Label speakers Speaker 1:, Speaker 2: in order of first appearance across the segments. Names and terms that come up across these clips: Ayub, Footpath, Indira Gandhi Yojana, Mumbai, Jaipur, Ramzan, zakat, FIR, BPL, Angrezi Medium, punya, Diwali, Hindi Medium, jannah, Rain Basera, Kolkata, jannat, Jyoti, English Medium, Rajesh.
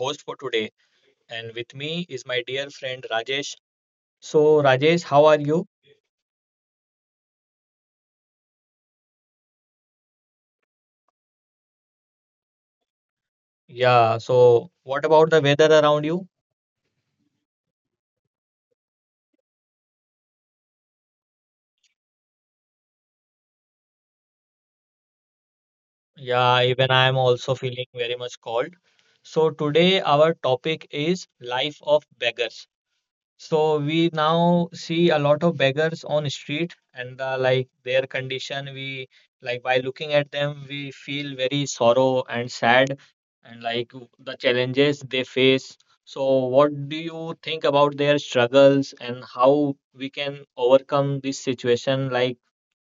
Speaker 1: host for today, and with me is my dear friend Rajesh. So, Rajesh, how are you? Yeah, so what about the weather around you? Yeah, even I am also feeling very much cold. So, today our topic is life of beggars. So we now see a lot of beggars on street and like their condition we like by looking at them we feel very sorrow and sad and like the challenges they face. So what do you think about their struggles and how we can overcome this situation like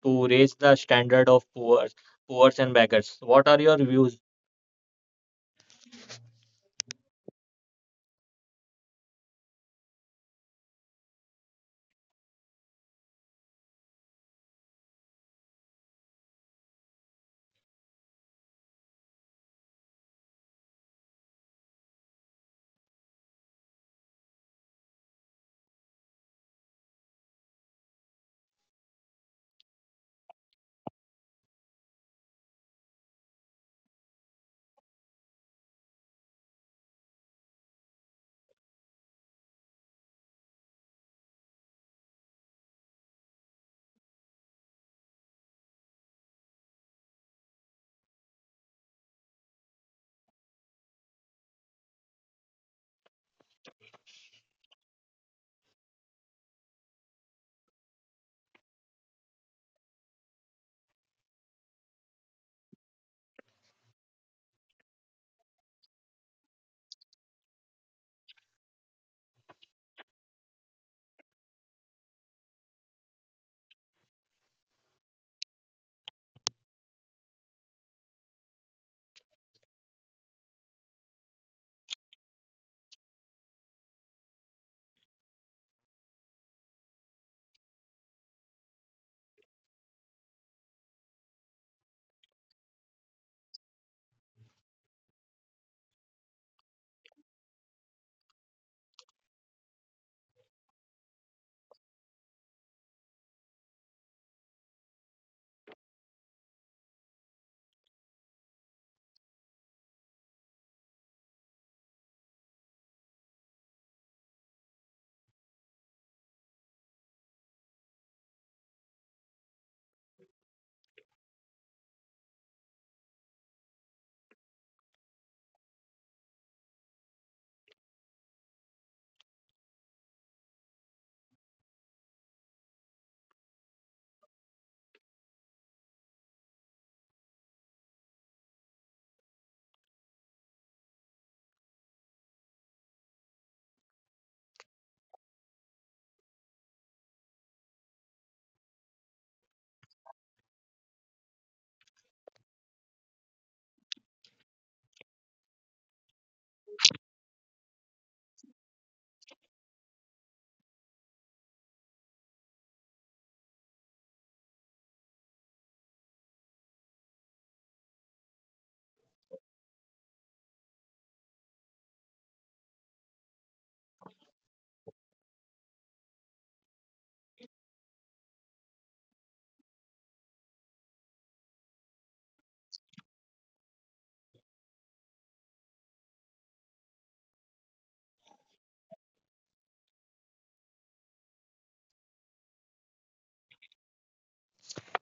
Speaker 1: to raise the standard of poor, and beggars? What are your views?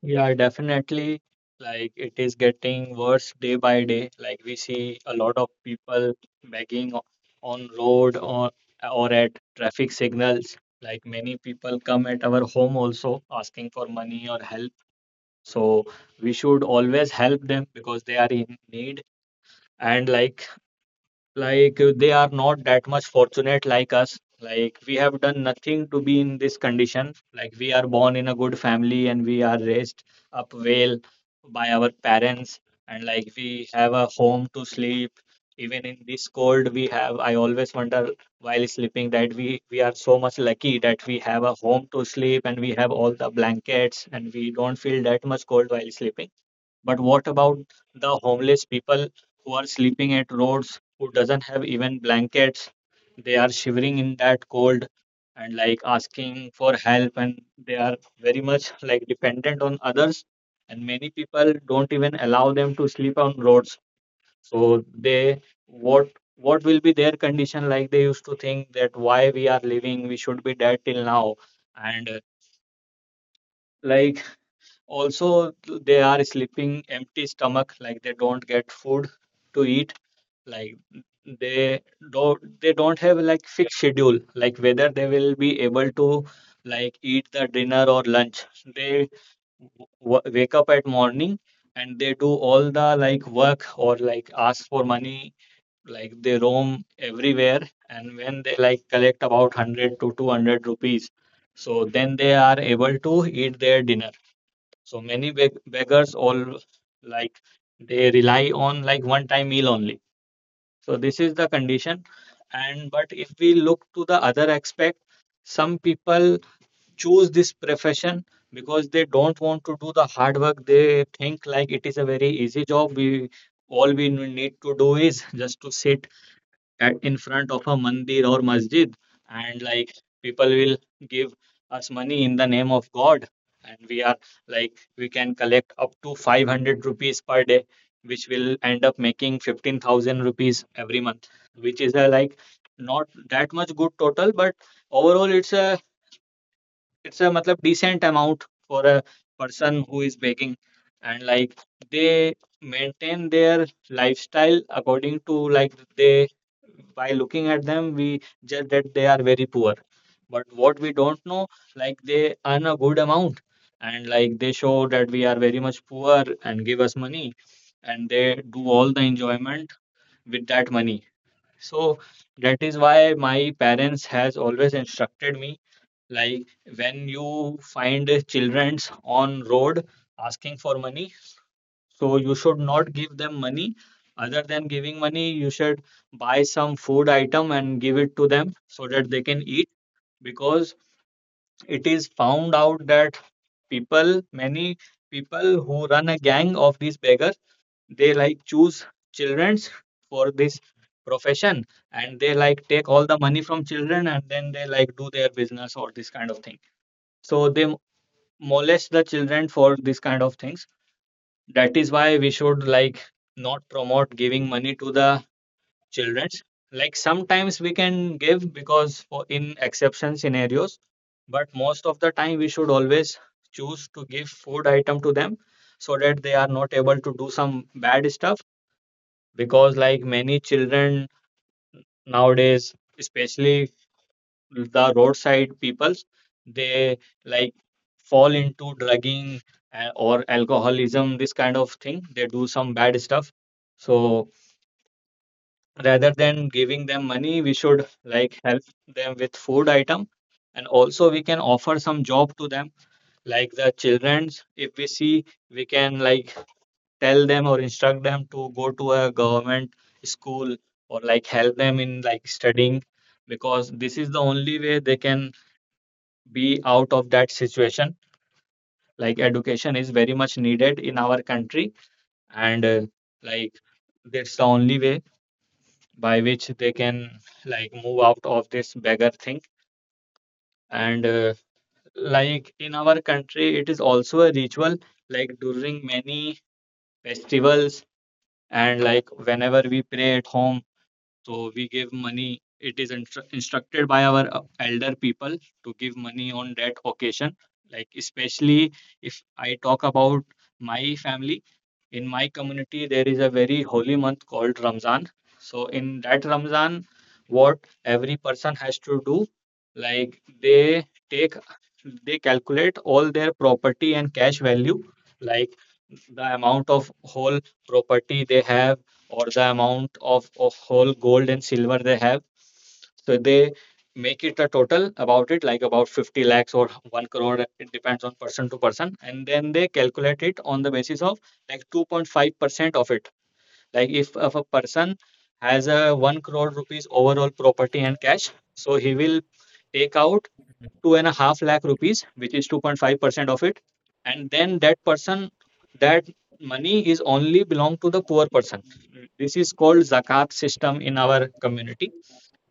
Speaker 1: Yeah, definitely. Like it is getting worse day by day. Like we see a lot of people begging on road or at traffic signals. Like many people come at our home also asking for money or help. So we should always help them because they are in need. And like they are not that much fortunate like us, like we have done nothing to be in this condition, like we are born in a good family and we are raised up well by our parents, and like we have a home to sleep. Even in this cold we have, I always wonder while sleeping that we are so much lucky that we have a home to sleep and we have all the blankets and we don't feel that much cold while sleeping. But what about the homeless people who are sleeping at roads, who doesn't have even blankets? They are shivering in that cold and like asking for help, and they are very much like dependent on others. And many people don't even allow them to sleep on roads. So they, what what will be their condition? Like they used to think that why we are living, we should be dead till now, and like also they are sleeping empty stomach, like they don't get food to eat, like they they don't have like fixed schedule, like whether they will be able to like eat the dinner or lunch. They wake up at morning and they do all the like work or like ask for money, like they roam everywhere, and when they like collect about 100 to 200 rupees so then they are able to eat their dinner. So many beggars all like they rely on like one-time meal only. So this is the condition. And but if we look to the other aspect, some people choose this profession because they don't want to do the hard work. They think like it is a very easy job. We all we need to do is just to sit at, in front of a mandir or masjid, and like people will give us money in the name of god, and we are like we can collect up to 500 rupees per day, which will end up making 15,000 rupees every month, which is a like not that much good total, but overall it's a matlab decent amount for a person who is begging, and like they maintain their lifestyle according to like they, by looking at them we judge that they are very poor, but what we don't know, like they earn a good amount, and like they show that we are very much poor and give us money and they do all the enjoyment with that money. So that is why my parents has always instructed me, like when you find childrens on road asking for money, so you should not give them money. Other than giving money you should buy some food item and give it to them so that they can eat, because it is found out that people, many people who run a gang of these beggars, they like choose children's for this profession, and they like take all the money from children, and then they like do their business or this kind of thing. So they molest the children for this kind of things. That is why we should like not promote giving money to the children's. Like sometimes we can give, because for in exception scenarios, but most of the time we should always choose to give food item to them so that they are not able to do some bad stuff, because like many children nowadays, especially the roadside peoples, they like fall into drugging or alcoholism, this kind of thing, they do some bad stuff. So rather than giving them money, we should like help them with food item, and also we can offer some job to them. Like the children's, if we see, we can like tell them or instruct them to go to a government school, or like help them in like studying, because this is the only way they can be out of that situation. Like education is very much needed in our country, and like that's the only way by which they can like move out of this beggar thing. And like in our country it is also a ritual, like during many festivals and like whenever we pray at home, so we give money. It is instructed by our elder people to give money on that occasion. Like especially if I talk about my family, in my community there is a very holy month called Ramzan. So in that Ramzan, what every person has to do, like they take, they calculate all their property and cash value, like the amount of whole property they have, or the amount of whole gold and silver they have. So they make it a total about it, like about 50 lakhs or 1 crore. It depends on person to person. And then they calculate it on the basis of like 2.5% of it. Like if a person has a 1 crore rupees overall property and cash, so he will take out 2.5 lakh rupees, which is 2.5% of it. And then that person, that money is only belong to the poor person. This is called zakat system in our community.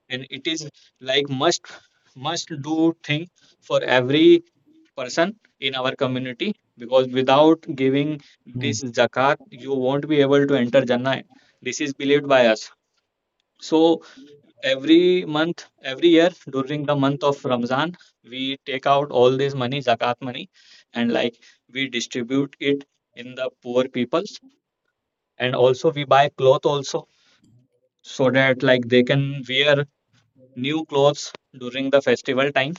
Speaker 1: And it is like must do thing for every person in our community, because without giving
Speaker 2: Mm.
Speaker 1: this zakat you won't be able to enter jannah. This is believed by us. So every month, every year during the month of Ramzan, we take out all this money, zakat money, and like we distribute it in the poor peoples. And also we buy cloth also, so that like they can wear new clothes during the festival time,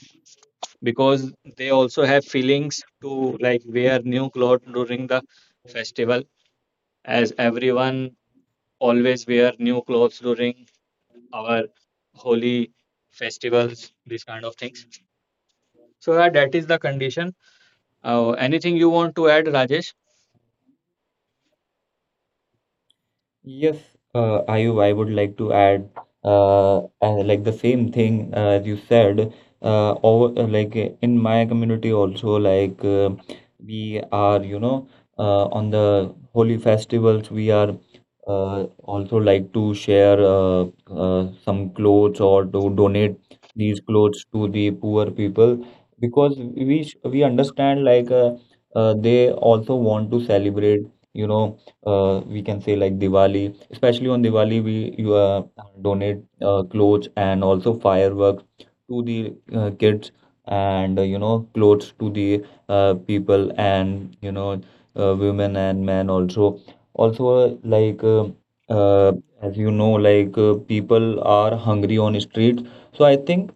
Speaker 1: because they also have feelings to like wear new clothes during the festival, as everyone always wear new clothes during our holy festivals, these kind of things. So yeah, that is the condition. Anything you want to add, Rajesh?
Speaker 2: Yes, Ayub, I would like to add, like the same thing as you said. Over, like In my community also, we are, on the holy festivals, we are also like to share some clothes or to donate these clothes to the poor people because we understand they also want to celebrate, you know. We can say like Diwali, especially on Diwali, we you donate clothes and also fireworks to the kids and clothes to the people and women and men also. Also, uh, as you know, people are hungry on streets, so I think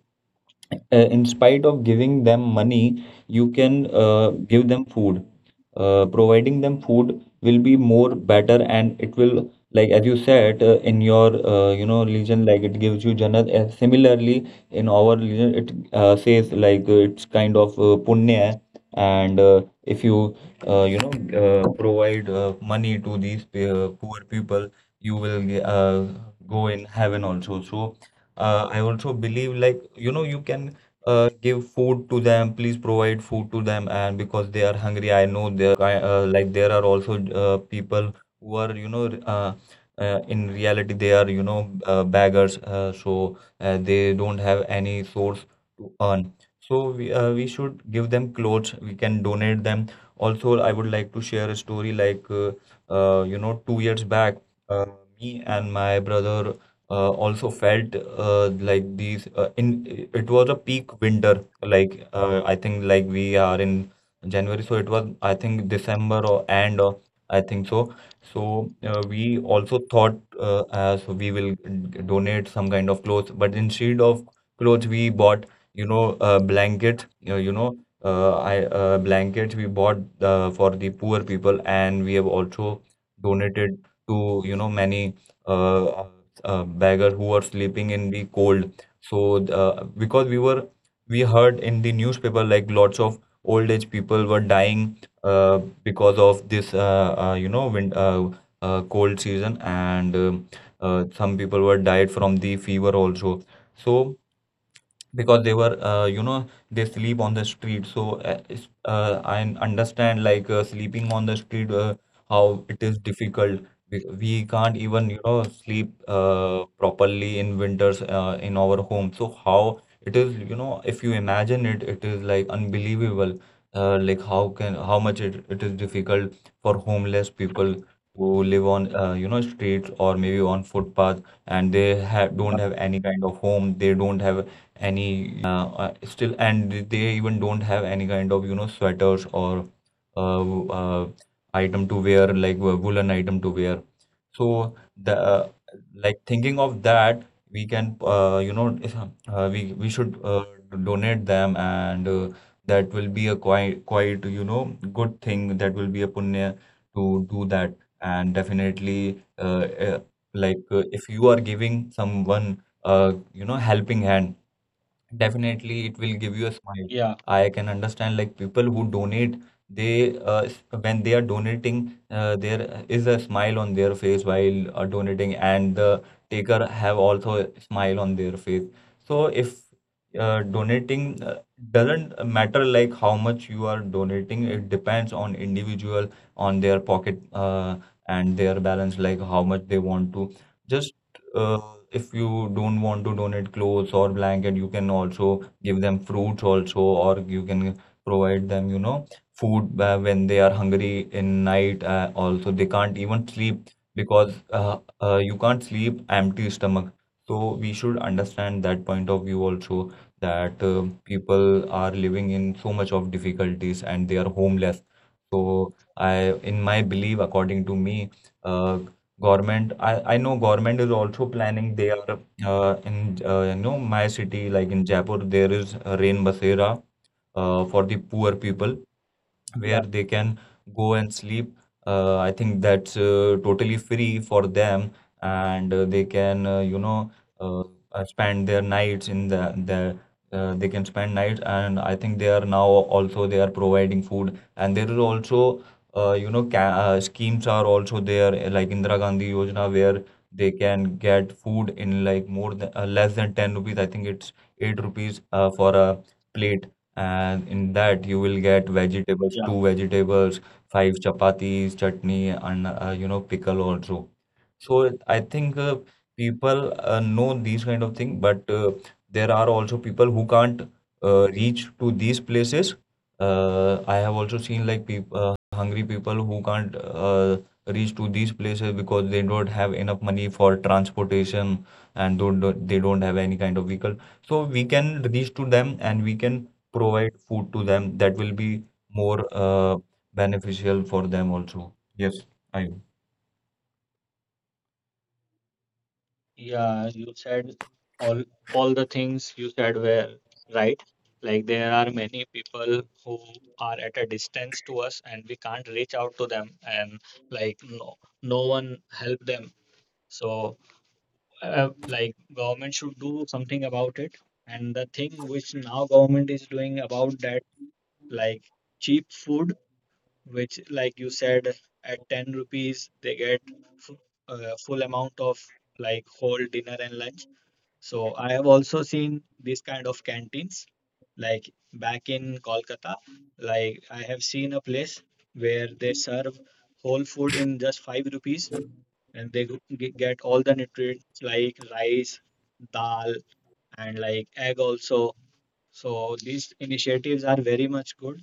Speaker 2: in spite of giving them money, you can give them food. Providing them food will be more better, and it will, like as you said, in your religion, like it gives you jannat. Similarly, in our religion, it says it's kind of punya, and if you you know provide money to these poor people, you will go in heaven also. So I also believe like you know you can give food to them. Please provide food to them, and because they are hungry, I know like there are also people who are uh, in reality they are beggars, so they don't have any source to earn. So we should give them clothes. We can donate them. Also, I would like to share a story like. You know, 2 years back, uh, me and my brother also felt like these in it was a peak winter I think like we are in January so it was I think December or and I think we also thought as we will donate some kind of clothes but instead of clothes we bought you know a blanket you know I blankets we bought for the poor people and we have also donated to you know many uh, beggar who were sleeping in the cold. So because we heard in the newspaper like lots of old age people were dying uh, because of this wind, cold season and some people were died from the fever also. So because they were they sleep on the street so I understand sleeping on the street how it is difficult we can't even you know sleep properly in winters in our home so how it is you know if you imagine it it is like unbelievable like how can how much it is difficult for homeless people who live on streets or maybe on footpath and they have don't
Speaker 1: Yeah,
Speaker 2: have any kind of home they don't have any you know blanket still and they even don't have any kind of you know sweaters or uh, uh, item to wear like woolen item to wear so the like thinking of that we can you know if, we should donate them and that will be a quite you know good thing that will be a punya to do that and definitely like if you are giving someone a you know helping hand definitely it will give you a smile
Speaker 1: yeah,
Speaker 2: I can understand like people who donate when they are donating there is a smile on their face while donating and the taker have also a smile on their face so if donating doesn't matter like how much you are donating it depends on individual on their pocket and their balance like how much they want to just uh, if you don't want to donate clothes or blanket, you can also give them fruits also, or you can provide them, you know, food when they are hungry in night. Also, they can't even sleep because you can't sleep empty stomach. So we should understand that point of view also that people are living in so much of difficulties and they are homeless. So I, in my belief, according to me, uh, government, I know government is also planning. They are in you know my city, like in Jaipur, there is a Rain Basera for the poor people where
Speaker 1: yeah,
Speaker 2: they can go and sleep. I think that's totally free for them, and they can uh, spend their nights in the. They can spend nights and I think they are now also they are providing food and there is also you know ca schemes are also there like Indira Gandhi Yojana where they can get food in like more than less than 10 rupees I think it's 8 rupees for a plate and in that you will get vegetables
Speaker 1: yeah.
Speaker 2: two vegetables 5 chapatis chutney and you know pickle also so I think people
Speaker 1: Yeah.
Speaker 2: know these kind of thing but there are also people who can't reach to these places I have also seen like peop hungry people who can't reach to these places because they don't have enough money for transportation and they don't have any kind of vehicle. So we can reach to them and we can provide food to them that will be more beneficial for them also. Yes, I. agree.
Speaker 1: Yeah, you said all all the things you said were right. Like there are many people who are at a distance to us and we can't reach out to them, and like no one help them. So like government should do something about it. And the thing which now government is doing about that, like cheap food, which like you said, at 10 rupees they get full, full amount of like whole dinner and lunch. So I have also seen this kind of canteens, like back in Kolkata, like I have seen a place where they serve whole food in just 5 rupees, and they get all the nutrients like rice, dal, and like egg also. So these initiatives are very much good,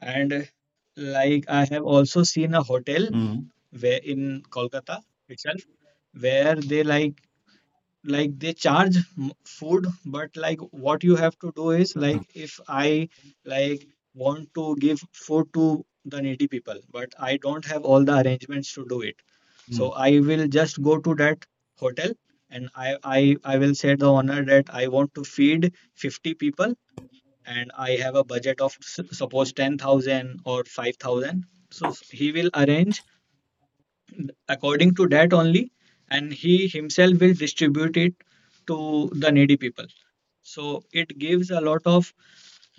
Speaker 1: and like I have also seen a hotel
Speaker 2: Mm.
Speaker 1: where, in Kolkata itself, where they like they charge food, but like what you have to do is like, if I like want to give food to the needy people, but I don't have all the arrangements to do it.
Speaker 2: Mm.
Speaker 1: So I will just go to that hotel and I will say the owner that I want to feed 50 people and I have a budget of suppose 10,000 or 5,000. So he will arrange according to that only, and he himself will distribute it to the needy people. So it gives a lot of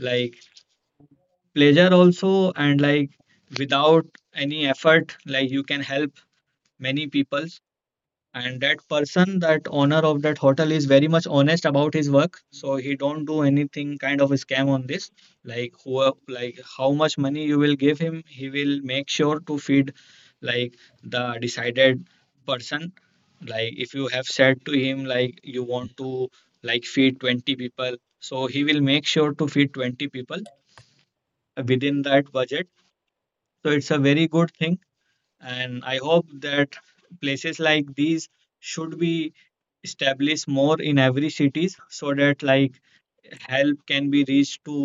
Speaker 1: like pleasure also, and like without any effort, like you can help many people, and that person, that owner of that hotel, is very much honest about his work, so he don't do anything kind of a scam on this. Like who, like how much money you will give him, he will make sure to feed like the decided person. Like if you have said to him like you want to like feed 20 people, so he will make sure to feed 20 people within that budget. So it's a very good thing, and I hope that places like these should be establish more in every cities, so that like help can be reached to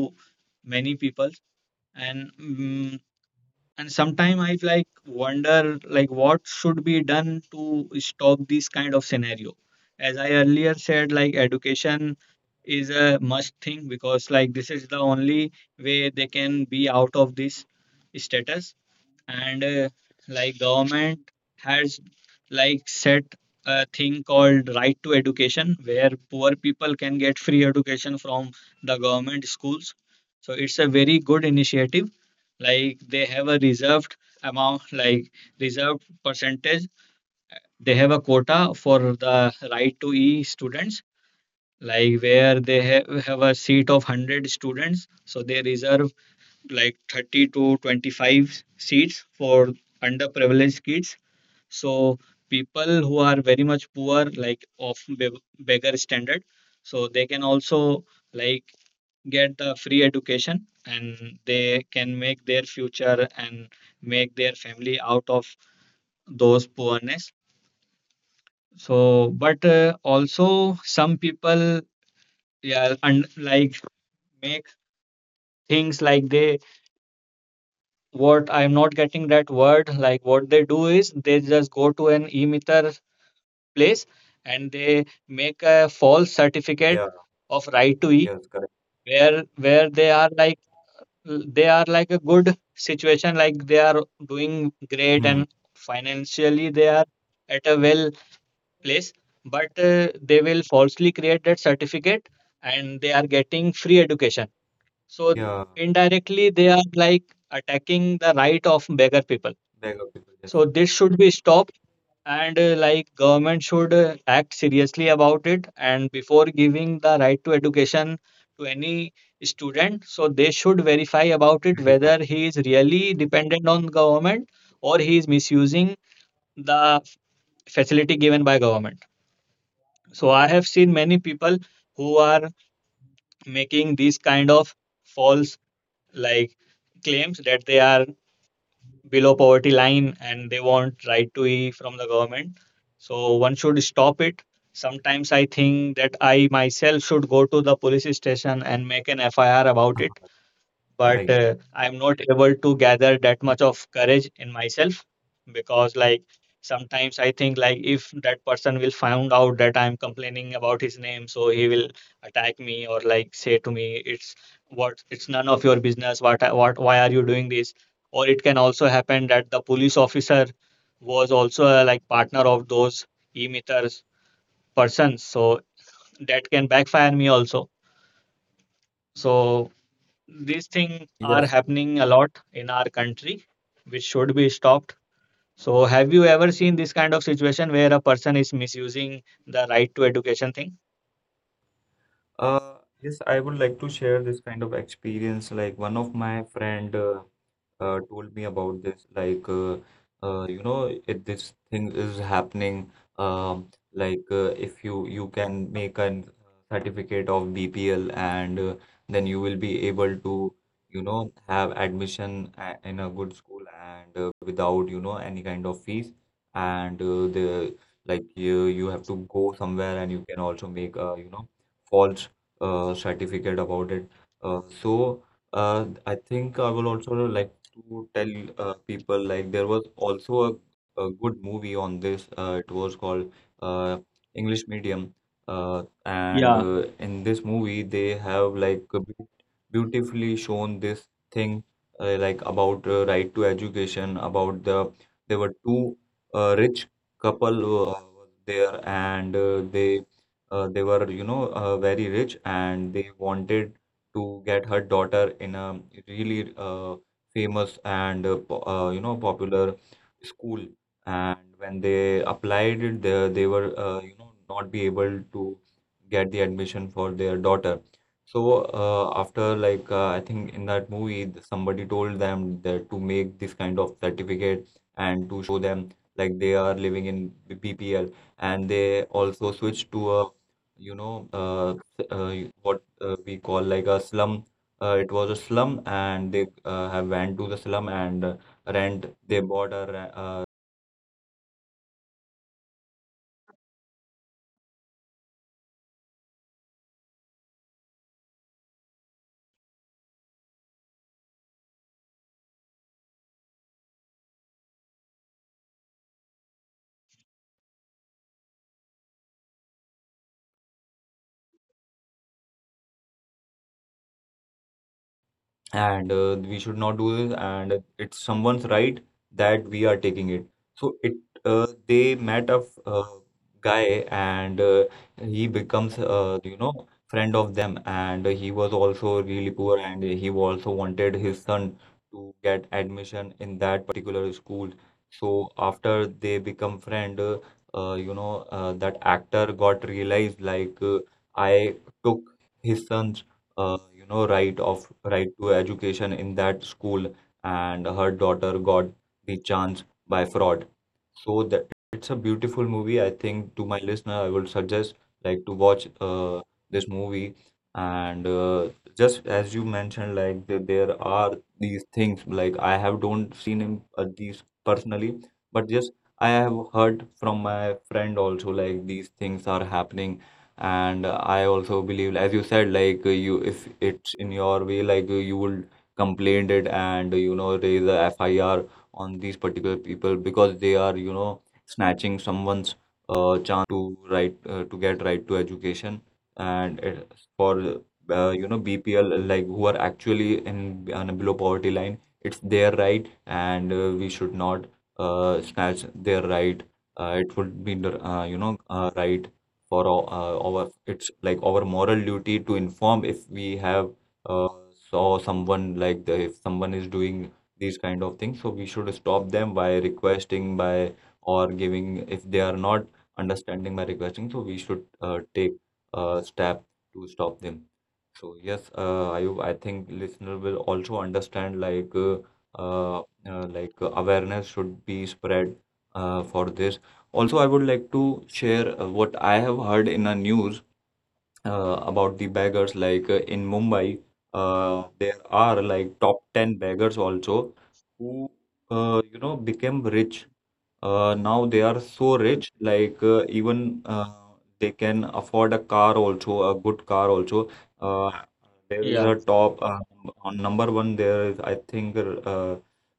Speaker 1: many people. And mm and sometimes I like wonder like what should be done to stop this kind of scenario. As I earlier said, like education is a must thing, because like this is the only way they can be out of this status. And like government has like set a thing called right to education, where poor people can get free education from the government schools. So it's a very good initiative. Like they have a reserved amount, like reserved percentage, they have a quota for the right to e students, like where they have a seat of 100 students, so they reserve like 30 to 25 seats for underprivileged kids. So people who are very much poor, like of beggar standard, so they can also like get the free education, and they can make their future and make their family out of those poorness. So, but also some people, yeah, and like make things like they, what, I'm not getting that word. Like what they do is they just go to an e-meter place and they make a false
Speaker 2: Yeah,
Speaker 1: certificate of right to e,
Speaker 2: yes, correct.
Speaker 1: where they are like, they are like a good situation, like they are doing great
Speaker 2: Hmm.
Speaker 1: and financially they are at a well place, but they will falsely create that certificate and they are getting free education. So
Speaker 2: Yeah,
Speaker 1: indirectly they are like attacking the right of beggar people.
Speaker 2: beg of people, yes.
Speaker 1: So this should be stopped, and like government should act seriously about it. And before giving the right to education to any student, so they should verify about it
Speaker 2: Verify.
Speaker 1: whether he is really dependent on government or he is misusing the facility given by government. So I have seen many people who are making these kind of false like claims that they are below poverty line and they want right to e from the government. So one should stop it. Sometimes I think that I myself should go to the police station and make an FIR about it, but
Speaker 2: Right.
Speaker 1: I'm not able to gather that much of courage in myself, because like sometimes I think like if that person will find out that I'm complaining about his name, so he will attack me or like say to me, it's, what, it's none of your business. What, why are you doing this? Or it can also happen that the police officer was also a like partner of those emitters persons, so that can backfire me also. So these things are
Speaker 2: Yes.
Speaker 1: happening a lot in our country, which should be stopped. So, have you ever seen this kind of situation where a person is misusing the right to education thing?
Speaker 2: Uh, yes, I would like to share this kind of experience. Like one of my friend, told me about this you know if this thing is happening um, if you can make an certificate of BPL and then you will be able to you know have admission in a good school and without you know any kind of fees and the like you have to go somewhere and you can also make a you know false certificate about it so I think I will also like to tell people like there was also a good movie on this. It was called uh, English Medium, uh, and
Speaker 1: Yeah,
Speaker 2: uh, in this movie they have like a beautifully shown this thing like about right to education. About the there were two rich couple was there, and they were you know very rich, and they wanted to get her daughter in a really famous and you know popular school and when they applied it there they were you know not be able to get the admission for their daughter so after like I think in that movie somebody told them that to make this kind of certificate and to show them like they are living in the BPL and they also switched to a you know s- y- what we call like a slum it was a slum, and they have went to the slum and rent. They bought a ra- and we should not do this and it's someone's right that we are taking it so it they met a guy and he becomes friend of them and he was also really poor and he also wanted his son to get admission in that particular school so after they become friend that actor got realized I took his son you know, right of right to education in that school, and her daughter got the chance by fraud. So that it's a beautiful movie. I think to my listener, I would suggest like to watch this movie. And just as you mentioned, like the, there are these things like I have don't seen him these personally, but just I have heard from my friend also like these things are happening. And I also believe, as you said, like you if it's in your way, like you will complain it and you know raise a FIR on these particular people because they are you know snatching someone's chance to right to get right to education and it, for BPL like who are actually in on below poverty line it's their right and we should not snatch their right. It would be the, you know right for our it's like our moral duty to inform if we have uh, saw someone like if someone is doing these kind of things. So we should stop them by requesting, by or giving if they are not understanding by requesting. So we should take a step to stop them. So yes, Ayub, I think listener will also understand like uh, awareness should be spread for this. Also, I would like to share what I have heard in a news about the beggars like in Mumbai there are like top 10 beggars also who you know became rich. Now they are so rich, like even they can afford a car also, a good car also. Uh, there is
Speaker 1: yeah,
Speaker 2: a top on number one. There is, I think, uh,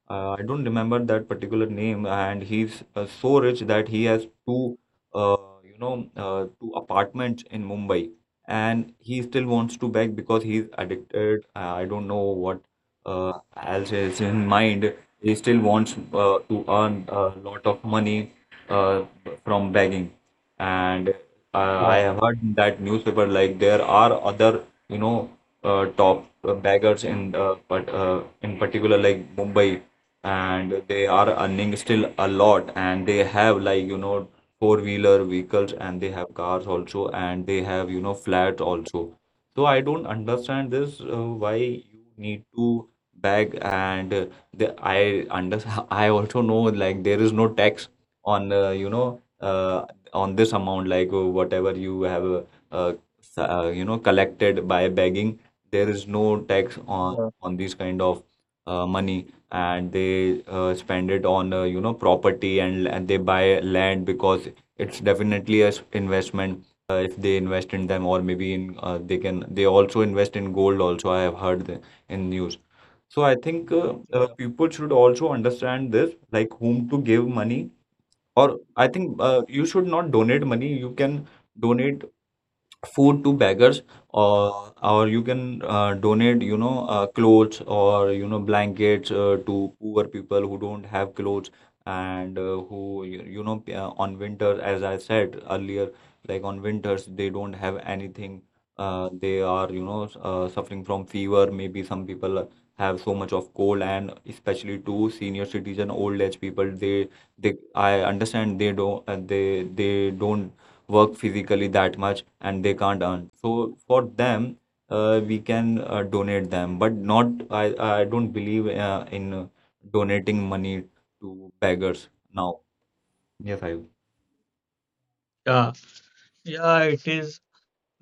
Speaker 2: I don't remember that particular name, and he's so rich that he has uh, two apartments in Mumbai, and he still wants to beg because he's addicted. I don't know what else is in mind. He still wants to earn a lot of money uh, from begging. And
Speaker 1: yeah,
Speaker 2: I have heard in that newspaper like there are other, you know, top beggars in but in particular like Mumbai, and they are earning still a lot, and they have like you know four-wheeler vehicles, and they have cars also, and they have you know flats also. So I don't understand this why you need to beg and I under I also know like there is no tax on on this amount like whatever you have uh, you know collected by begging. There is no tax
Speaker 1: yeah.
Speaker 2: on these kind of money and they spend it on you know property and they buy land because it's definitely a investment if they invest in them or maybe in they can they also invest in gold also. I have heard in news. So I think
Speaker 1: Yeah,
Speaker 2: people should also understand this, like whom to give money. Or I think you should not donate money. You can donate food to beggars or you can donate you know clothes or you know blankets to poor people who don't have clothes and who you know on winter as I said earlier like on winters they don't have anything. They are you know suffering from fever. Maybe some people have so much of cold, and especially to senior citizen old age people they I understand they don't they don't work physically that much and they can't earn. So for them, we can donate them, but not. I don't believe in donating money to beggars now. Yes, I.
Speaker 1: yeah, yeah. It is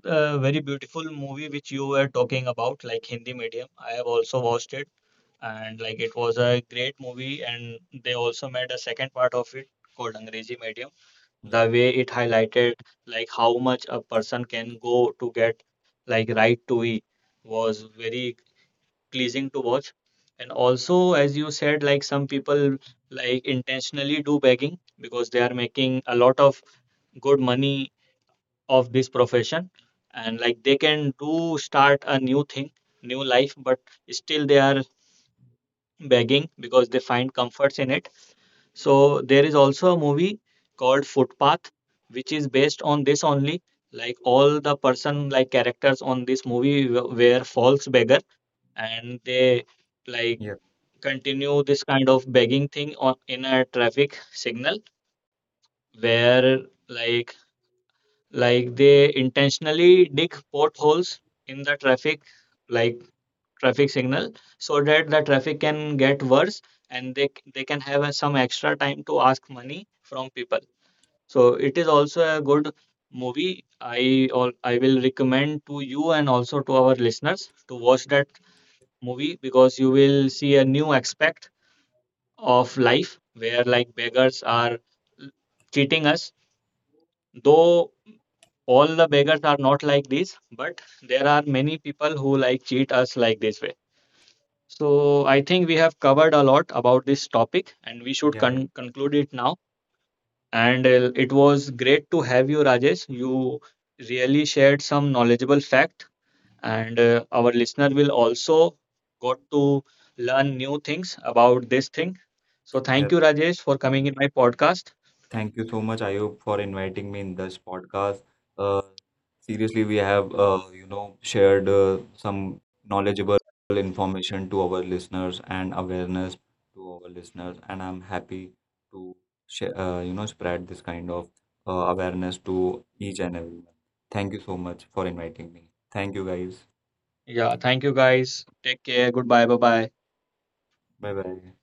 Speaker 1: a very beautiful movie which you were talking about, like Hindi Medium. I have also watched it, and like it was a great movie, and they also made a second part of it called Angrezi Medium.
Speaker 2: Yep.
Speaker 1: The way it highlighted like how much a person can go to get like right to eat was very pleasing to watch. And also as you said, like some people like intentionally do begging because they are making a lot of good money of this profession, and like they can do start a new thing, new life, but still they are begging because they find comforts in it. So there is also a movie called Footpath, which is based on this only. Like all the person, like characters on this movie were false beggar, and they like
Speaker 2: Yep.
Speaker 1: continue this kind of begging thing on in a traffic signal, where like like they intentionally dig potholes in the traffic, like traffic signal, so that the traffic can get worse and they they can have some extra time to ask money from people. So it is also a good movie. I all I will recommend to you and also to our listeners to watch that movie, because you will see a new aspect of life where like beggars are cheating us. Though all the beggars are not like this, but there are many people who like cheat us like this way. So I think we have covered a lot about this topic, and we should
Speaker 2: Yeah. I,
Speaker 1: conclude it now. And it was great to have you, Rajesh. You really shared some knowledgeable fact, and our listener will also got to learn new things about this thing. So thank
Speaker 2: yep.
Speaker 1: you, Rajesh, for coming in my podcast.
Speaker 2: Thank you so much, Ayub, for inviting me in this podcast. Uh, Seriously, we have you know shared some knowledgeable information to our listeners and awareness to our listeners, and I'm happy to share, you know spread this kind of awareness to each and everyone. Thank you so much for inviting me. Thank you guys.
Speaker 1: Yeah, thank you guys. Take care. Goodbye. Bye bye.
Speaker 2: Bye bye.